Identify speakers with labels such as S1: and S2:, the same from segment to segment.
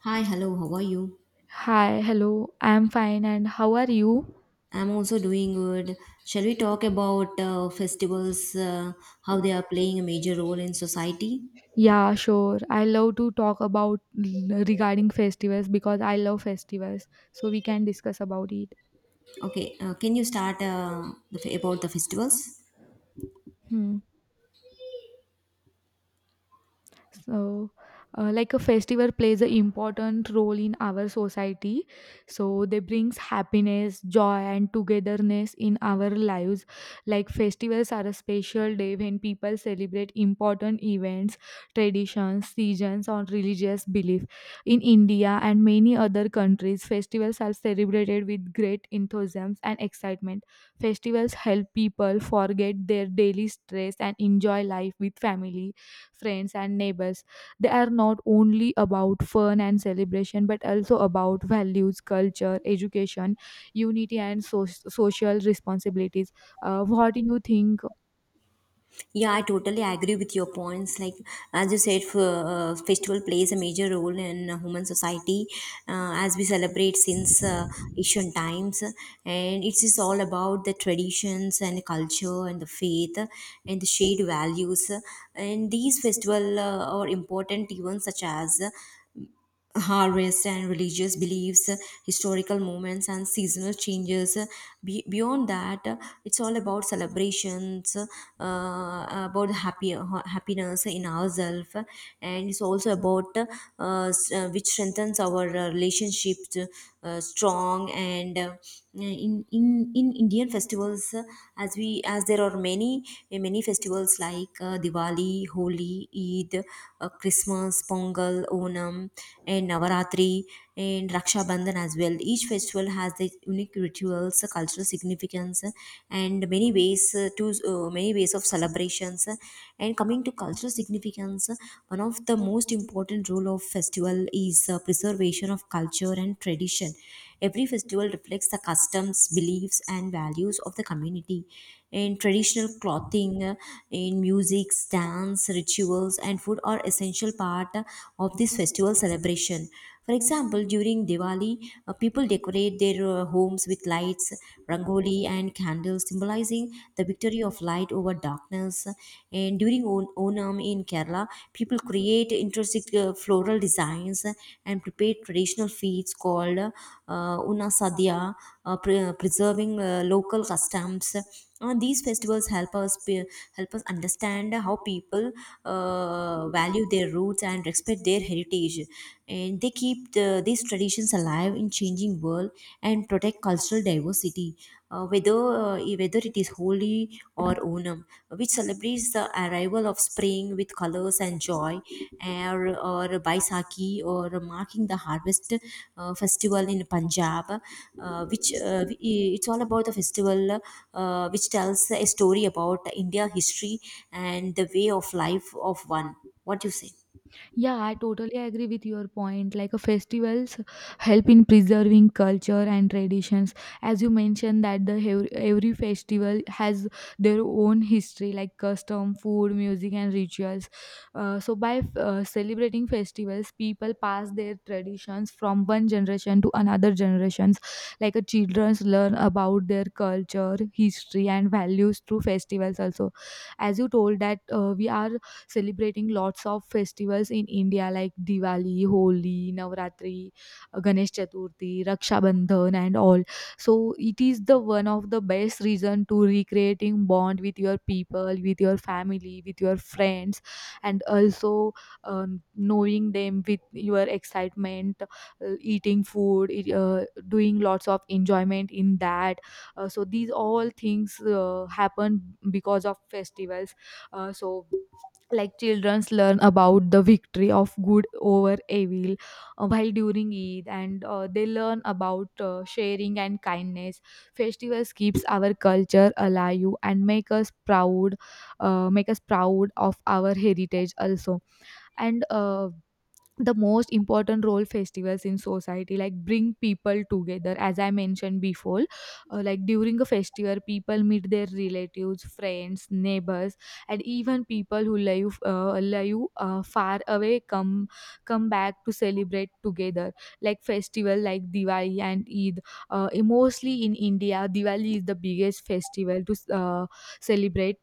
S1: Hi, hello, how are you?
S2: Hi, hello. I'm fine and how are you?
S1: I'm also doing good. Shall we talk about festivals, how they are playing a major role in society?
S2: Yeah, sure. I love to talk about regarding festivals because I love festivals. So we can discuss about it.
S1: Okay, can you start about the festivals?
S2: Hmm. So like a festival plays an important role in our society. So they brings happiness, joy, and togetherness in our lives. Like festivals are a special day when people celebrate important events, traditions, seasons, or religious belief. In india and many other countries, festivals are celebrated with great enthusiasm and excitement. Festivals help people forget their daily stress and enjoy life with family, friends, and neighbors. They are not only about fun and celebration, but also about values, culture, education, unity, and social responsibilities. What do you think?
S1: Yeah, I totally agree with your points. Like as you said, festival plays a major role in human society as we celebrate since ancient times, and it is all about the traditions and culture and the faith and the shared values. And these festival are important even such as harvest and religious beliefs, historical moments, and seasonal changes. Beyond that, it's all about celebrations, about happiness in ourselves, and it's also about which strengthens our relationships strong. And in in in Indian festivals, as we as there are many many festivals like Diwali, Holi, Eid, Christmas, Pongal, Onam and Navaratri and Raksha Bandhan as well. Each festival has their unique rituals, cultural significance, and many ways of celebrations. And coming to cultural significance, one of the most important role of festival is preservation of culture and tradition. Every festival reflects the customs, beliefs, and values of the community. In traditional clothing, in music, dance, rituals, and food are essential part of this festival celebration. For example, during Diwali, people decorate their homes with lights, rangoli, and candles, symbolizing the victory of light over darkness. And during Onam, in Kerala, people create interesting floral designs and prepare traditional feasts called Una Sadhya, preserving local customs. These festivals help us understand how people value their roots and respect their heritage, and they keep the, these traditions alive in changing world and protect cultural diversity, whether it is Holi or Onam, which celebrates the arrival of spring with colors and joy, or Baisakhi or marking the harvest festival in Punjab, it's all about the festival which tells a story about India history and the way of life of one. What do you say?
S2: Yeah, I totally agree with your point. Like, festivals help in preserving culture and traditions. As you mentioned that every festival has their own history, like custom, food, music, and rituals. So by celebrating festivals, people pass their traditions from one generation to another generations. Like, children learn about their culture, history, and values through festivals. Also, as you told that we are celebrating lots of festivals in India like Diwali, Holi, Navratri, Ganesh Chaturthi, Raksha Bandhan, and all. So it is the one of the best reason to recreating bond with your people, with your family, with your friends, and also, knowing them with your excitement, eating food, doing lots of enjoyment in that. So these all things happen because of festivals. So, like, childrens learn about the victory of good over evil while during Eid, and they learn about sharing and kindness. Festivals keeps our culture alive and make us proud of our heritage also. And the most important role festivals in society, like, bring people together as I mentioned before. Like during a festival, people meet their relatives, friends, neighbors, and even people who live far away come back to celebrate together. Like festival like Diwali and Eid, mostly in India, Diwali is the biggest festival to celebrate.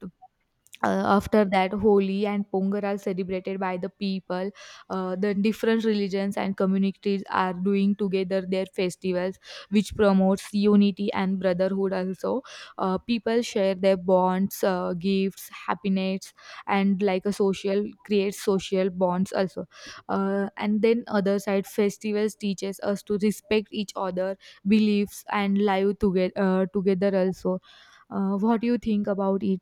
S2: After that, Holi and Pongal are celebrated by the people. The different religions and communities are doing together their festivals, which promotes unity and brotherhood also. People share their bonds, gifts, happiness, and like a social creates social bonds also. And then other side, festivals teaches us to respect each other beliefs and live together, together also. What do you think about it?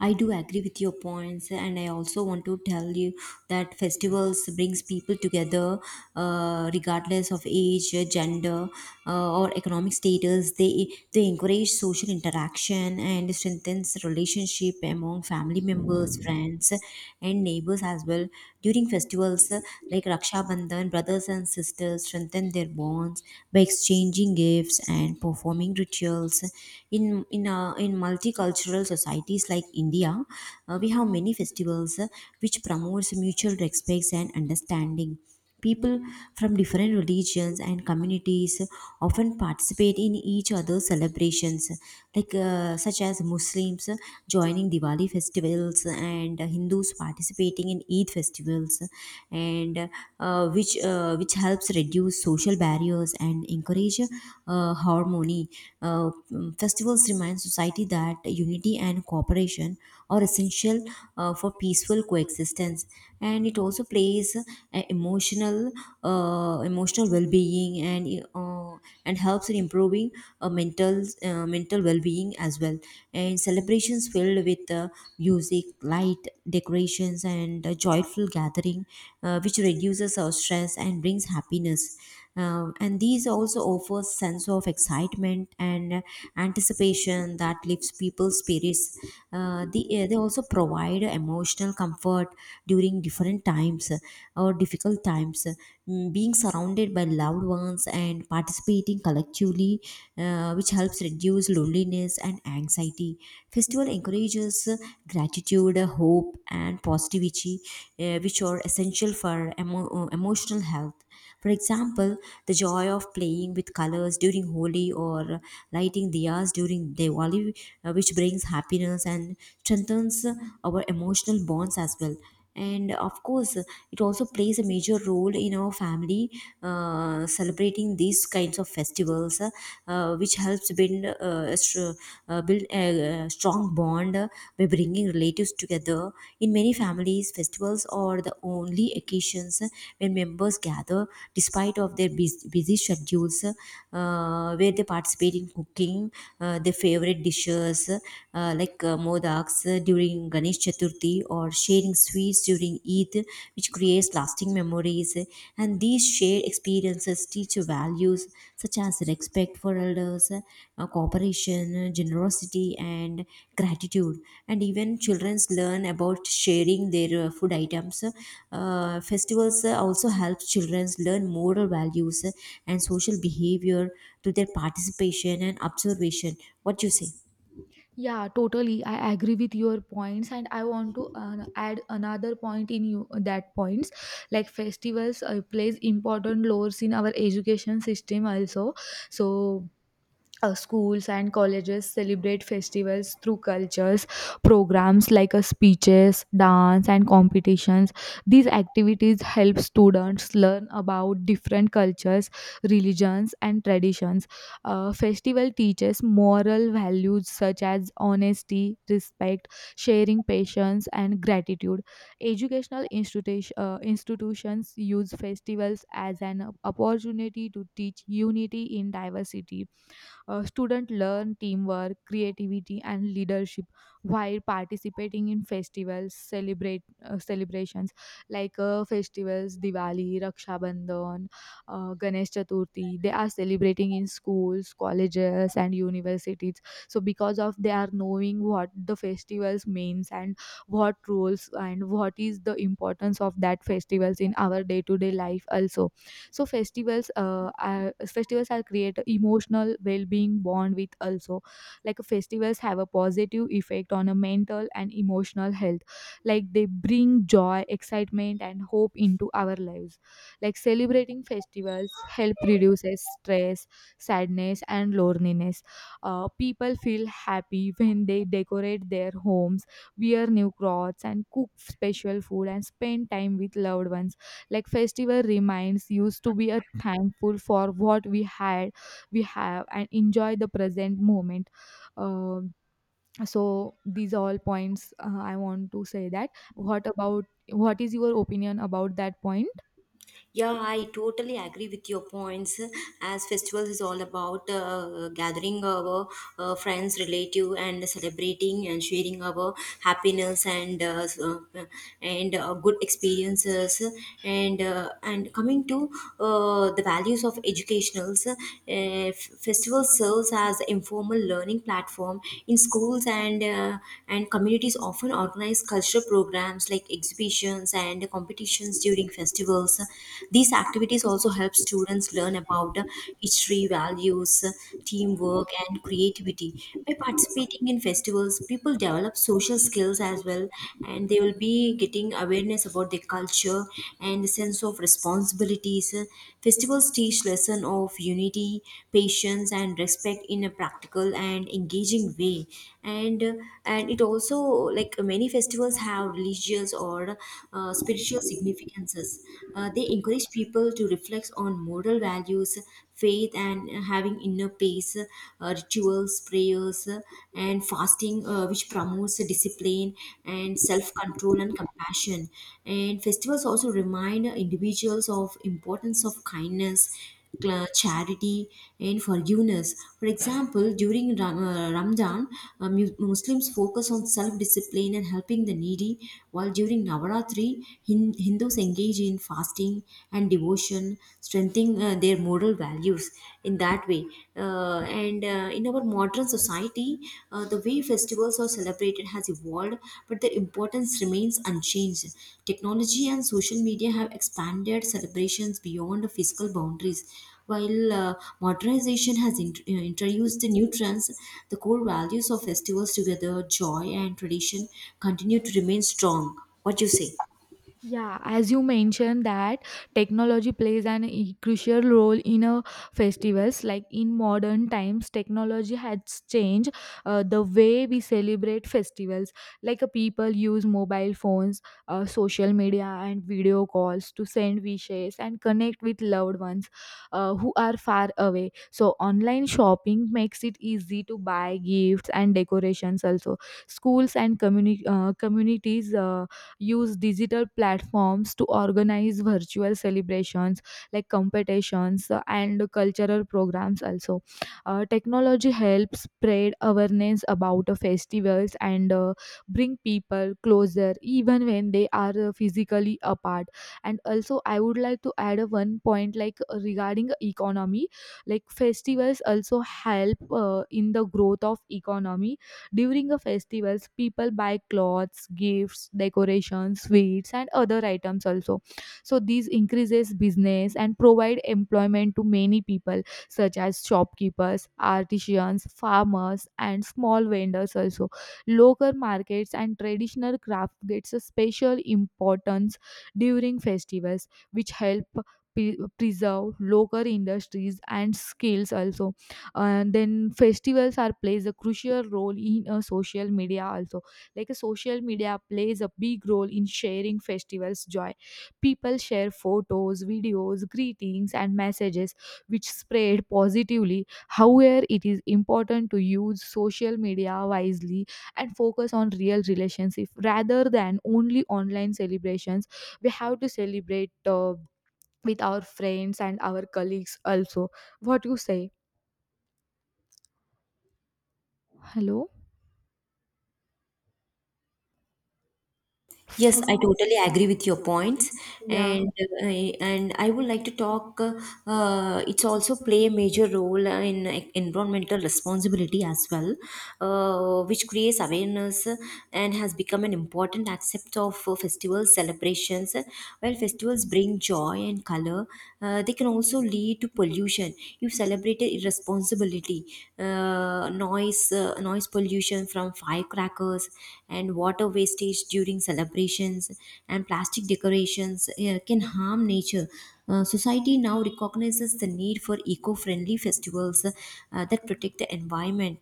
S1: I do agree with your points, and I also want to tell you that festivals brings people together, regardless of age, gender, or economic status. They encourage social interaction and strengthens relationship among family members, friends, and neighbors as well. During festivals like Raksha Bandhan, brothers and sisters strengthen their bonds by exchanging gifts and performing rituals. In multicultural societies countries like India, we have many festivals which promotes mutual respects and understanding. People from different religions and communities often participate in each other's celebrations, such as Muslims joining Diwali festivals and Hindus participating in Eid festivals, and which helps reduce social barriers and encourage harmony. Festivals remind society that unity and cooperation are essential for peaceful coexistence, and it also plays emotional well-being, and helps in improving mental well-being as well, and celebrations filled with music, light, decorations and a joyful gathering, which reduces our stress and brings happiness. And these also offer sense of excitement and anticipation that lifts people's spirits. They also provide emotional comfort during different times or difficult times. Being surrounded by loved ones and participating collectively, which helps reduce loneliness and anxiety. Festival encourages gratitude, hope, and positivity, which are essential for emotional health. For example, the joy of playing with colors during Holi or lighting diyas during Diwali, which brings happiness and strengthens our emotional bonds as well, and of course it also plays a major role in our family, celebrating these kinds of festivals which helps build a str- build a, strong bond by bringing relatives together. In many families festivals are the only occasions when members gather despite of their busy schedules, where they participate in cooking their favorite dishes, modaks during Ganesh Chaturthi or sharing sweets during Eid, which creates lasting memories. And these shared experiences teach values such as respect for elders, cooperation, generosity, and gratitude. And even children learn about sharing their food items. Festivals also help children learn moral values and social behavior through their participation and observation. What do you say?
S2: Yeah, totally. I agree with your points, and I want to add another point in you that points. Like, festivals plays important roles in our education system also. So, schools and colleges celebrate festivals through cultures programs like, speeches, dance, and competitions. These activities help students learn about different cultures, religions, and traditions. Festival teaches moral values such as honesty, respect, sharing, patience, and gratitude. Educational institutions use festivals as an opportunity to teach unity in diversity. Students learn teamwork, creativity, and leadership while participating in festivals, celebrate celebrations like, festivals Diwali, Raksha Bandhan, Ganesh Chaturthi. They are celebrating in schools, colleges, and universities. So, because of they are knowing what the festivals means and what rules and what is the importance of that festivals in our day to day life also. So festivals are create emotional well-being bond with also. Like festivals have a positive effect on a mental and emotional health. Like they bring joy, excitement, and hope into our lives. Like celebrating festivals help reduces stress, sadness, and loneliness. People feel happy when they decorate their homes, wear new clothes, and cook special food, and spend time with loved ones. Like festival reminds used to be a thankful for what we had we have and enjoy the present moment. Um so these all points, I want to say that what is your opinion about that point?
S1: Yeah, I totally agree with your points. As festivals is all about gathering our friends, relative, and celebrating and sharing our happiness and good experiences. And coming to the values of educationals, festival serves as informal learning platform in schools and communities. Often organize cultural programs like exhibitions and competitions during festivals. These activities also help students learn about history, values, teamwork, and creativity. By participating in festivals, people develop social skills as well, and they will be getting awareness about their culture and the sense of responsibilities. Festivals teach lesson of unity, patience, and respect in a practical and engaging way. And uh, and it also, like many festivals have religious or spiritual significance experiences. They encourage people to reflect on moral values, faith, and having inner peace, rituals, prayers, and fasting, which promotes discipline and self control and compassion. And festivals also remind individuals of importance of kindness, charity, and forgiveness. For example, during Ramadan, Muslims focus on self discipline and helping the needy, while during Navaratri, Hindus engage in fasting and devotion, strengthening their moral values in that way. And in our modern society, the way festivals are celebrated has evolved, but their importance remains unchanged. Technology and social media have expanded celebrations beyond physical boundaries. While modernization has introduced the new trends, the core values of festivals together, joy and tradition, continue to remain strong. What do you say?
S2: Yeah, as you mentioned that technology plays an crucial role in a festivals. Like in modern times, technology has changed the way we celebrate festivals. Like, people use mobile phones, social media, and video calls to send wishes and connect with loved ones who are far away. So online shopping makes it easy to buy gifts and decorations. Also, schools and communities, use digital platforms to organize virtual celebrations like competitions and cultural programs also. Technology helps spread awareness about festivals and bring people closer even when they are physically apart. And also I would like to add a one point, like, regarding economy. Like festivals also help in the growth of economy. During the festivals, people buy clothes, gifts, decorations, sweets, and other items also. So these increases business and provide employment to many people, such as shopkeepers, artisans, farmers, and small vendors also. Local markets and traditional craft gets a special importance during festivals, which help preserve local industries and skills also. And then festivals are plays a crucial role in social media also. Like a social media plays a big role in sharing festivals joy. People share photos, videos, greetings, and messages, which spread positively. However, it is important to use social media wisely and focus on real relationships rather than only online celebrations. We have to celebrate with our friends and our colleagues also. What you say? Hello?
S1: Yes, I
S2: Fuck.
S1: totally agree with your points,
S2: Yeah,
S1: and and I would like to talk. It's also play a major role in environmental responsibility as well, which creates awareness and has become an important aspect of festival celebrations. While festivals bring joy and color, they can also lead to pollution if celebrated irresponsibility. Noise pollution from firecrackers and water wastage during celebrations and plastic decorations can harm nature. Society now recognizes the need for eco-friendly festivals that protect the environment.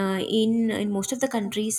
S1: In most of the countries,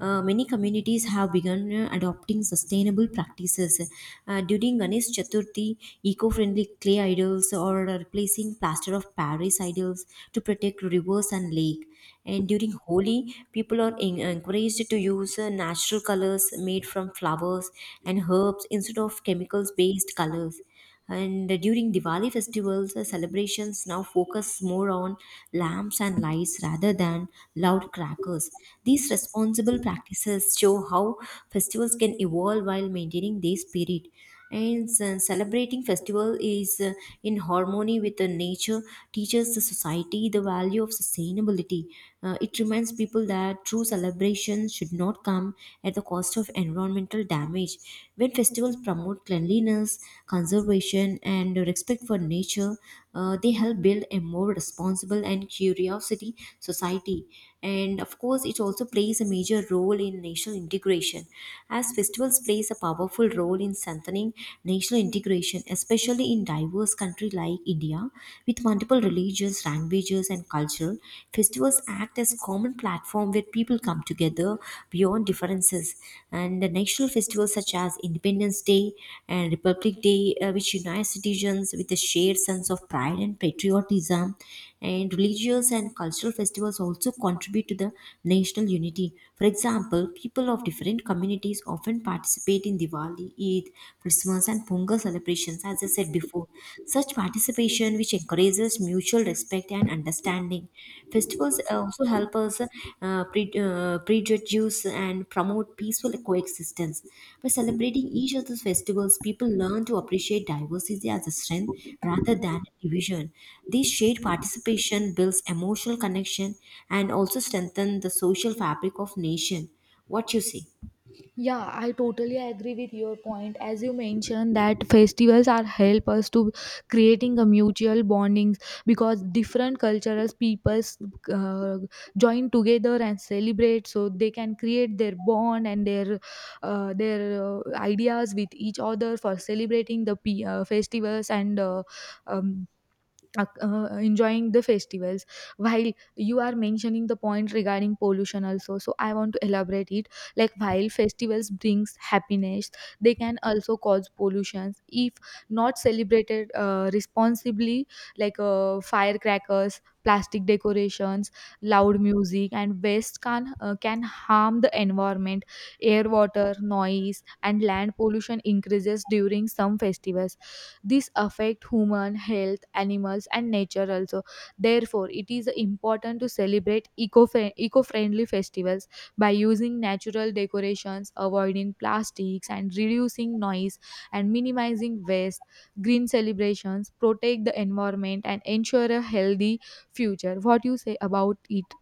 S1: many communities have begun adopting sustainable practices. During Ganesh Chaturthi, eco-friendly clay idols or replacing plaster of Paris idols to protect rivers and lake. And during Holi, people are encouraged to use natural colors made from flowers and herbs instead of chemicals based colors. And during Diwali festivals, celebrations now focus more on lamps and lights rather than loud crackers. These responsible practices show how festivals can evolve while maintaining their spirit, and celebrating festival is in harmony with the nature teaches the society the value of sustainability. It reminds people that true celebration should not come at the cost of environmental damage. When festivals promote cleanliness, conservation and respect for nature, they help build a more responsible and curiosity society. And of course it also plays a major role in national integration, as festivals plays a powerful role in strengthening national integration, especially in diverse country like India. With multiple religions, languages, and culture, festivals act as common platform where people come together beyond differences. And the national festivals such as Independence Day and Republic Day, which unite citizens with a shared sense of pride and patriotism, and religious and cultural festivals also contribute to the national unity. For example, people of different communities often participate in Diwali, Eid, Christmas, and Pongal celebrations, as I said before. Such participation, which encourages mutual respect and understanding. Festivals also help us prejudice and promote peaceful coexistence. By celebrating each other's festivals, people learn to appreciate diversity as a strength rather than division. This shared participation builds emotional connection and also strengthens the social fabric of nation. What you say?
S2: yeah, I totally agree with your point. As you mentioned, that festivals are help us to creating a mutual bondings, because different cultures, peoples uh, join together and celebrate, so they can create their bond and their ideas with each other for celebrating the festivals and um, enjoying the festivals. While you are mentioning the point regarding pollution also, so I want to elaborate it. Like, while festivals brings happiness, they can also cause pollutions if not celebrated responsibly. Like, firecrackers, plastic decorations, loud music, and waste can harm the environment. Air, water, noise, and land pollution increases during some festivals. This affect human health, animals, and nature also. Therefore, it is important to celebrate eco-friendly festivals by using natural decorations, avoiding plastics, and reducing noise and minimizing waste. Green celebrations protect the environment and ensure a healthy future. What do you say about it?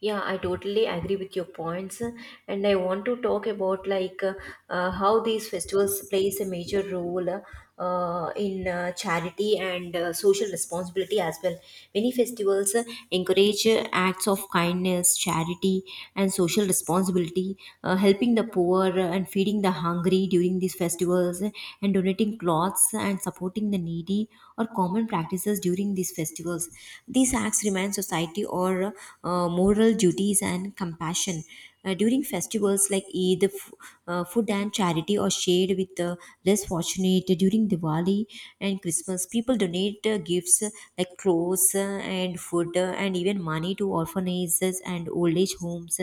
S1: Yeah, I totally agree with your points, and I want to talk about how these festivals plays a major role in charity and social responsibility as well. Many festivals encourage acts of kindness, charity, and social responsibility, helping the poor and feeding the hungry during these festivals, and donating clothes and supporting the needy or common practices during these festivals. These acts remind society or for moral duties and compassion. During festivals like Eid, food and charity are shared with the less fortunate. During Diwali and Christmas, people donate gifts like clothes and food and even money to orphanages and old age homes.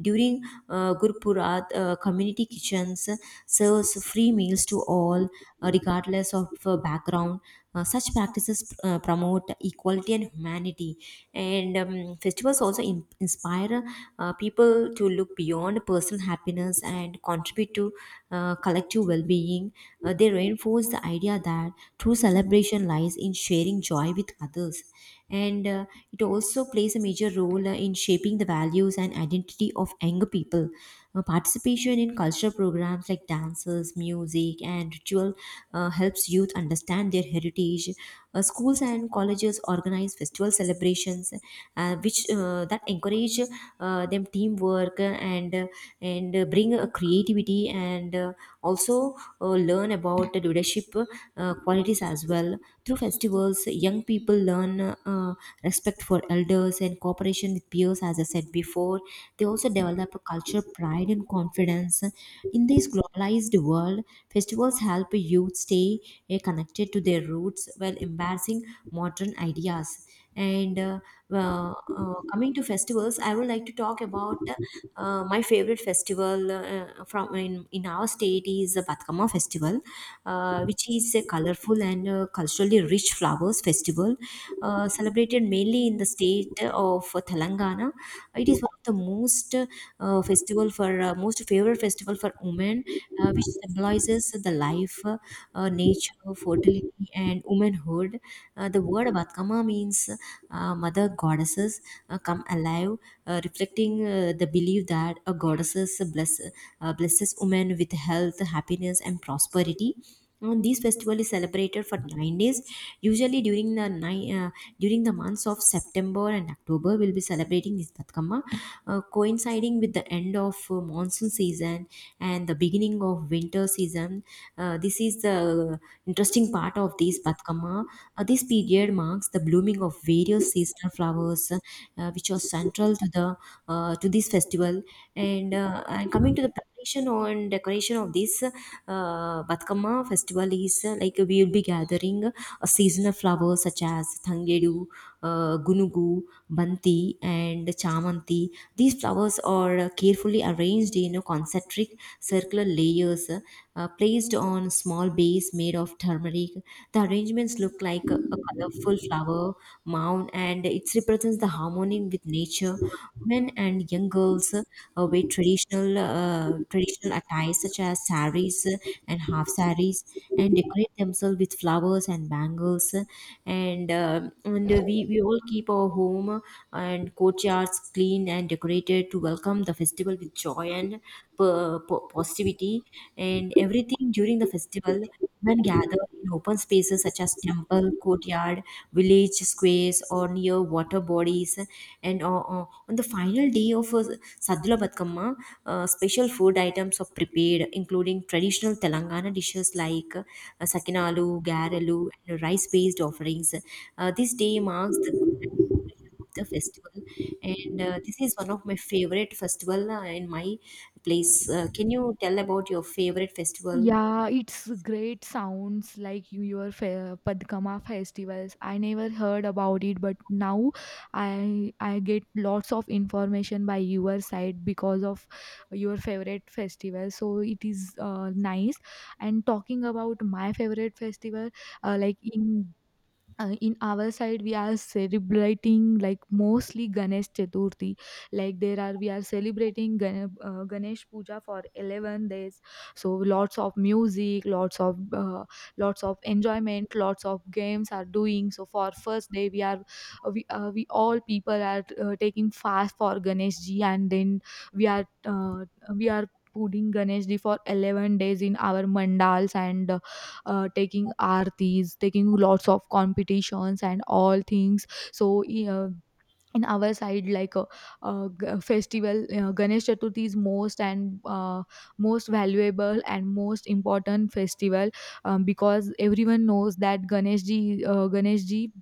S1: During Gurpurat, community kitchens serves free meals to all, regardless of background. Such practices promote equality and humanity, and festivals also inspire people to look beyond personal happiness and contribute to collective well-being. They reinforce the idea that true celebration lies in sharing joy with others, and it also plays a major role in shaping the values and identity of younger people. Participation in cultural programs like dances, music, and ritual helps youth understand their heritage. Schools and colleges organize festival celebrations, which that encourage them teamwork and bring creativity and also learn about the leadership qualities as well. Through festivals, young people learn respect for elders and cooperation with peers, as I said before. They also develop a culture, pride, and confidence. In this globalized world, festivals help youth stay connected to their roots while embracing modern ideas. And uh, Coming to festivals, I would like to talk about my favorite festival in our state is the Batkama festival, which is a colorful and culturally rich flowers festival, celebrated mainly in the state of Telangana. It is one of the most favorite festival for women, which symbolizes the life, nature, fertility, and womanhood. The word Batkama means mother goddesses come alive, reflecting the belief that a blesses women with health, happiness, and prosperity. And this festival is celebrated for 9 days. Usually during the months of September and October, we'll be celebrating this Batkamma, coinciding with the end of monsoon season and the beginning of winter season. This is the interesting part of this Batkamma. This period marks the blooming of various seasonal flowers, which are central to this festival. And coming to the celebration on decoration of this Batkama festival is like we will be gathering a seasonal flowers such as Thangedu, Gunugu, Banti, and Chamanti. These flowers are carefully arranged in a concentric circular layers placed on small base made of turmeric. The arrangements look like a colorful flower mound and it represents the harmony with nature, Men and young girls wear traditional attires such as saris and half saris and decorate themselves with flowers and bangles. We all keep our home and courtyards clean and decorated to welcome the festival with joy and positivity and everything during the festival when gathered in open spaces such as temple, courtyard, village squares, or near water bodies, and on the final day of Saddula Batkama, special food items are prepared, including traditional Telangana dishes like sakinalu, garalu, and rice-based offerings. This day marks the of the festival and this is one of my favorite festival in my place. Can you tell about your favorite festival?
S2: Yeah, it's great sounds like your Padkama festivals. I never heard about it, but now I get lots of information by your side because of your favorite festival. So it is nice. And talking about my favorite festival, like in our side we are celebrating like mostly Ganesh Chaturthi. Like there are we are celebrating Ganesh puja for 11 days. So lots of music, lots of enjoyment, lots of games are doing. So for first day we are we all people are taking fast for Ganesh Ji, and then we are uh, we are putting Ganesh Ji for 11 days in our mandals, and taking aartis, taking lots of competitions and all things. So, in our side, like a festival, Ganesh Chaturthi is most and most valuable and most important festival, because everyone knows that Ganesh ji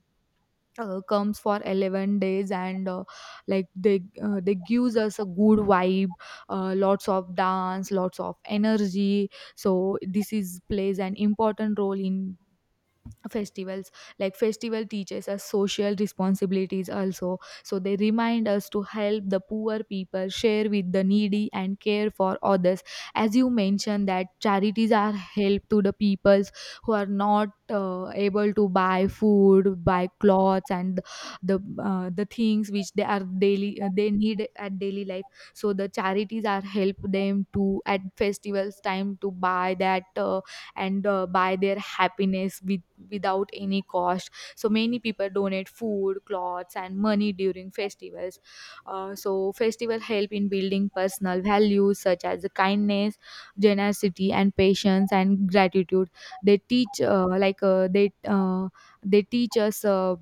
S2: comes for 11 days, and like they gives us a good vibe. Lots of dance, lots of energy. So this is plays an important role in festivals. Like festival teaches us social responsibilities also. So they remind us to help the poor people, share with the needy, and care for others. As you mentioned that charities are help to the peoples who are not able to buy food, buy clothes, and the things which they are daily, they need at daily life. So the charities are help them to at festivals time to buy that, and buy their happiness without any cost. So many people donate food, clothes, and money during festivals. So festival help in building personal values such as kindness, generosity, and patience, and gratitude. They teach Like, they teach us, uh,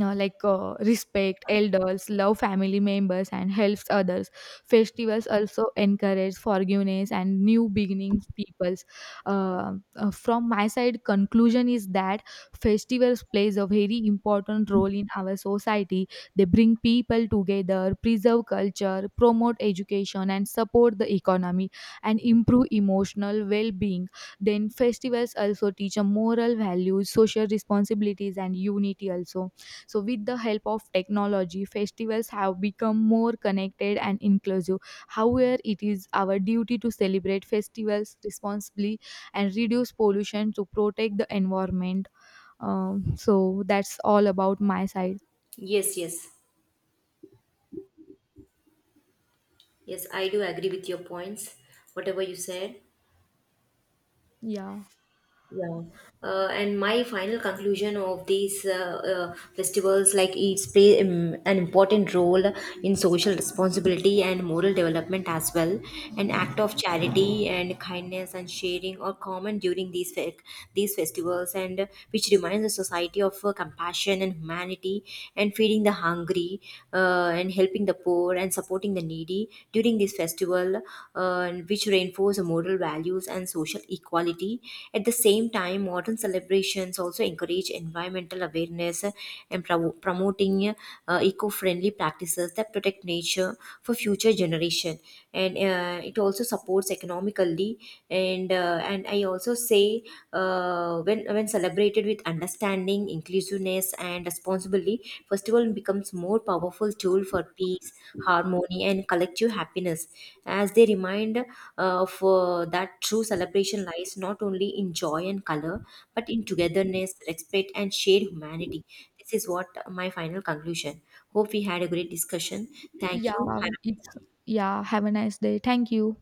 S2: uh, like, respect elders, love family members, and helps others. Festivals also encourage forgiveness and new beginnings. Peoples. From my side, conclusion is that festivals plays a very important role in our society. They bring people together, preserve culture, promote education, and support the economy, and improve emotional well-being. Then festivals also teach a moral values, social responsibilities, and unity also. So, with the help of technology, festivals have become more connected and inclusive. However, it is our duty to celebrate festivals responsibly and reduce pollution to protect the environment. So, that's all about my side.
S1: Yes, yes. Yes, I do agree with your points, whatever you said.
S2: Yeah.
S1: Yeah. And my final conclusion of these festivals, like it's play an important role in social responsibility and moral development as well. An act of charity and kindness and sharing are common during these festivals, and which reminds the society of compassion and humanity, and feeding the hungry, and helping the poor and supporting the needy during this festival, which reinforce moral values and social equality. At the same time, modern celebrations also encourage environmental awareness and promoting eco-friendly practices that protect nature for future generation and it also supports economically and I also say when celebrated with understanding inclusiveness and responsibility, festival becomes more powerful tool for peace, harmony and collective happiness, as they remind for that true celebration lies not only in joy and color but in togetherness, respect and shared humanity. This is what my final conclusion. Hope we had a great discussion. Thank
S2: Yeah.
S1: you. Have
S2: It's, yeah. Have a nice day. Thank you.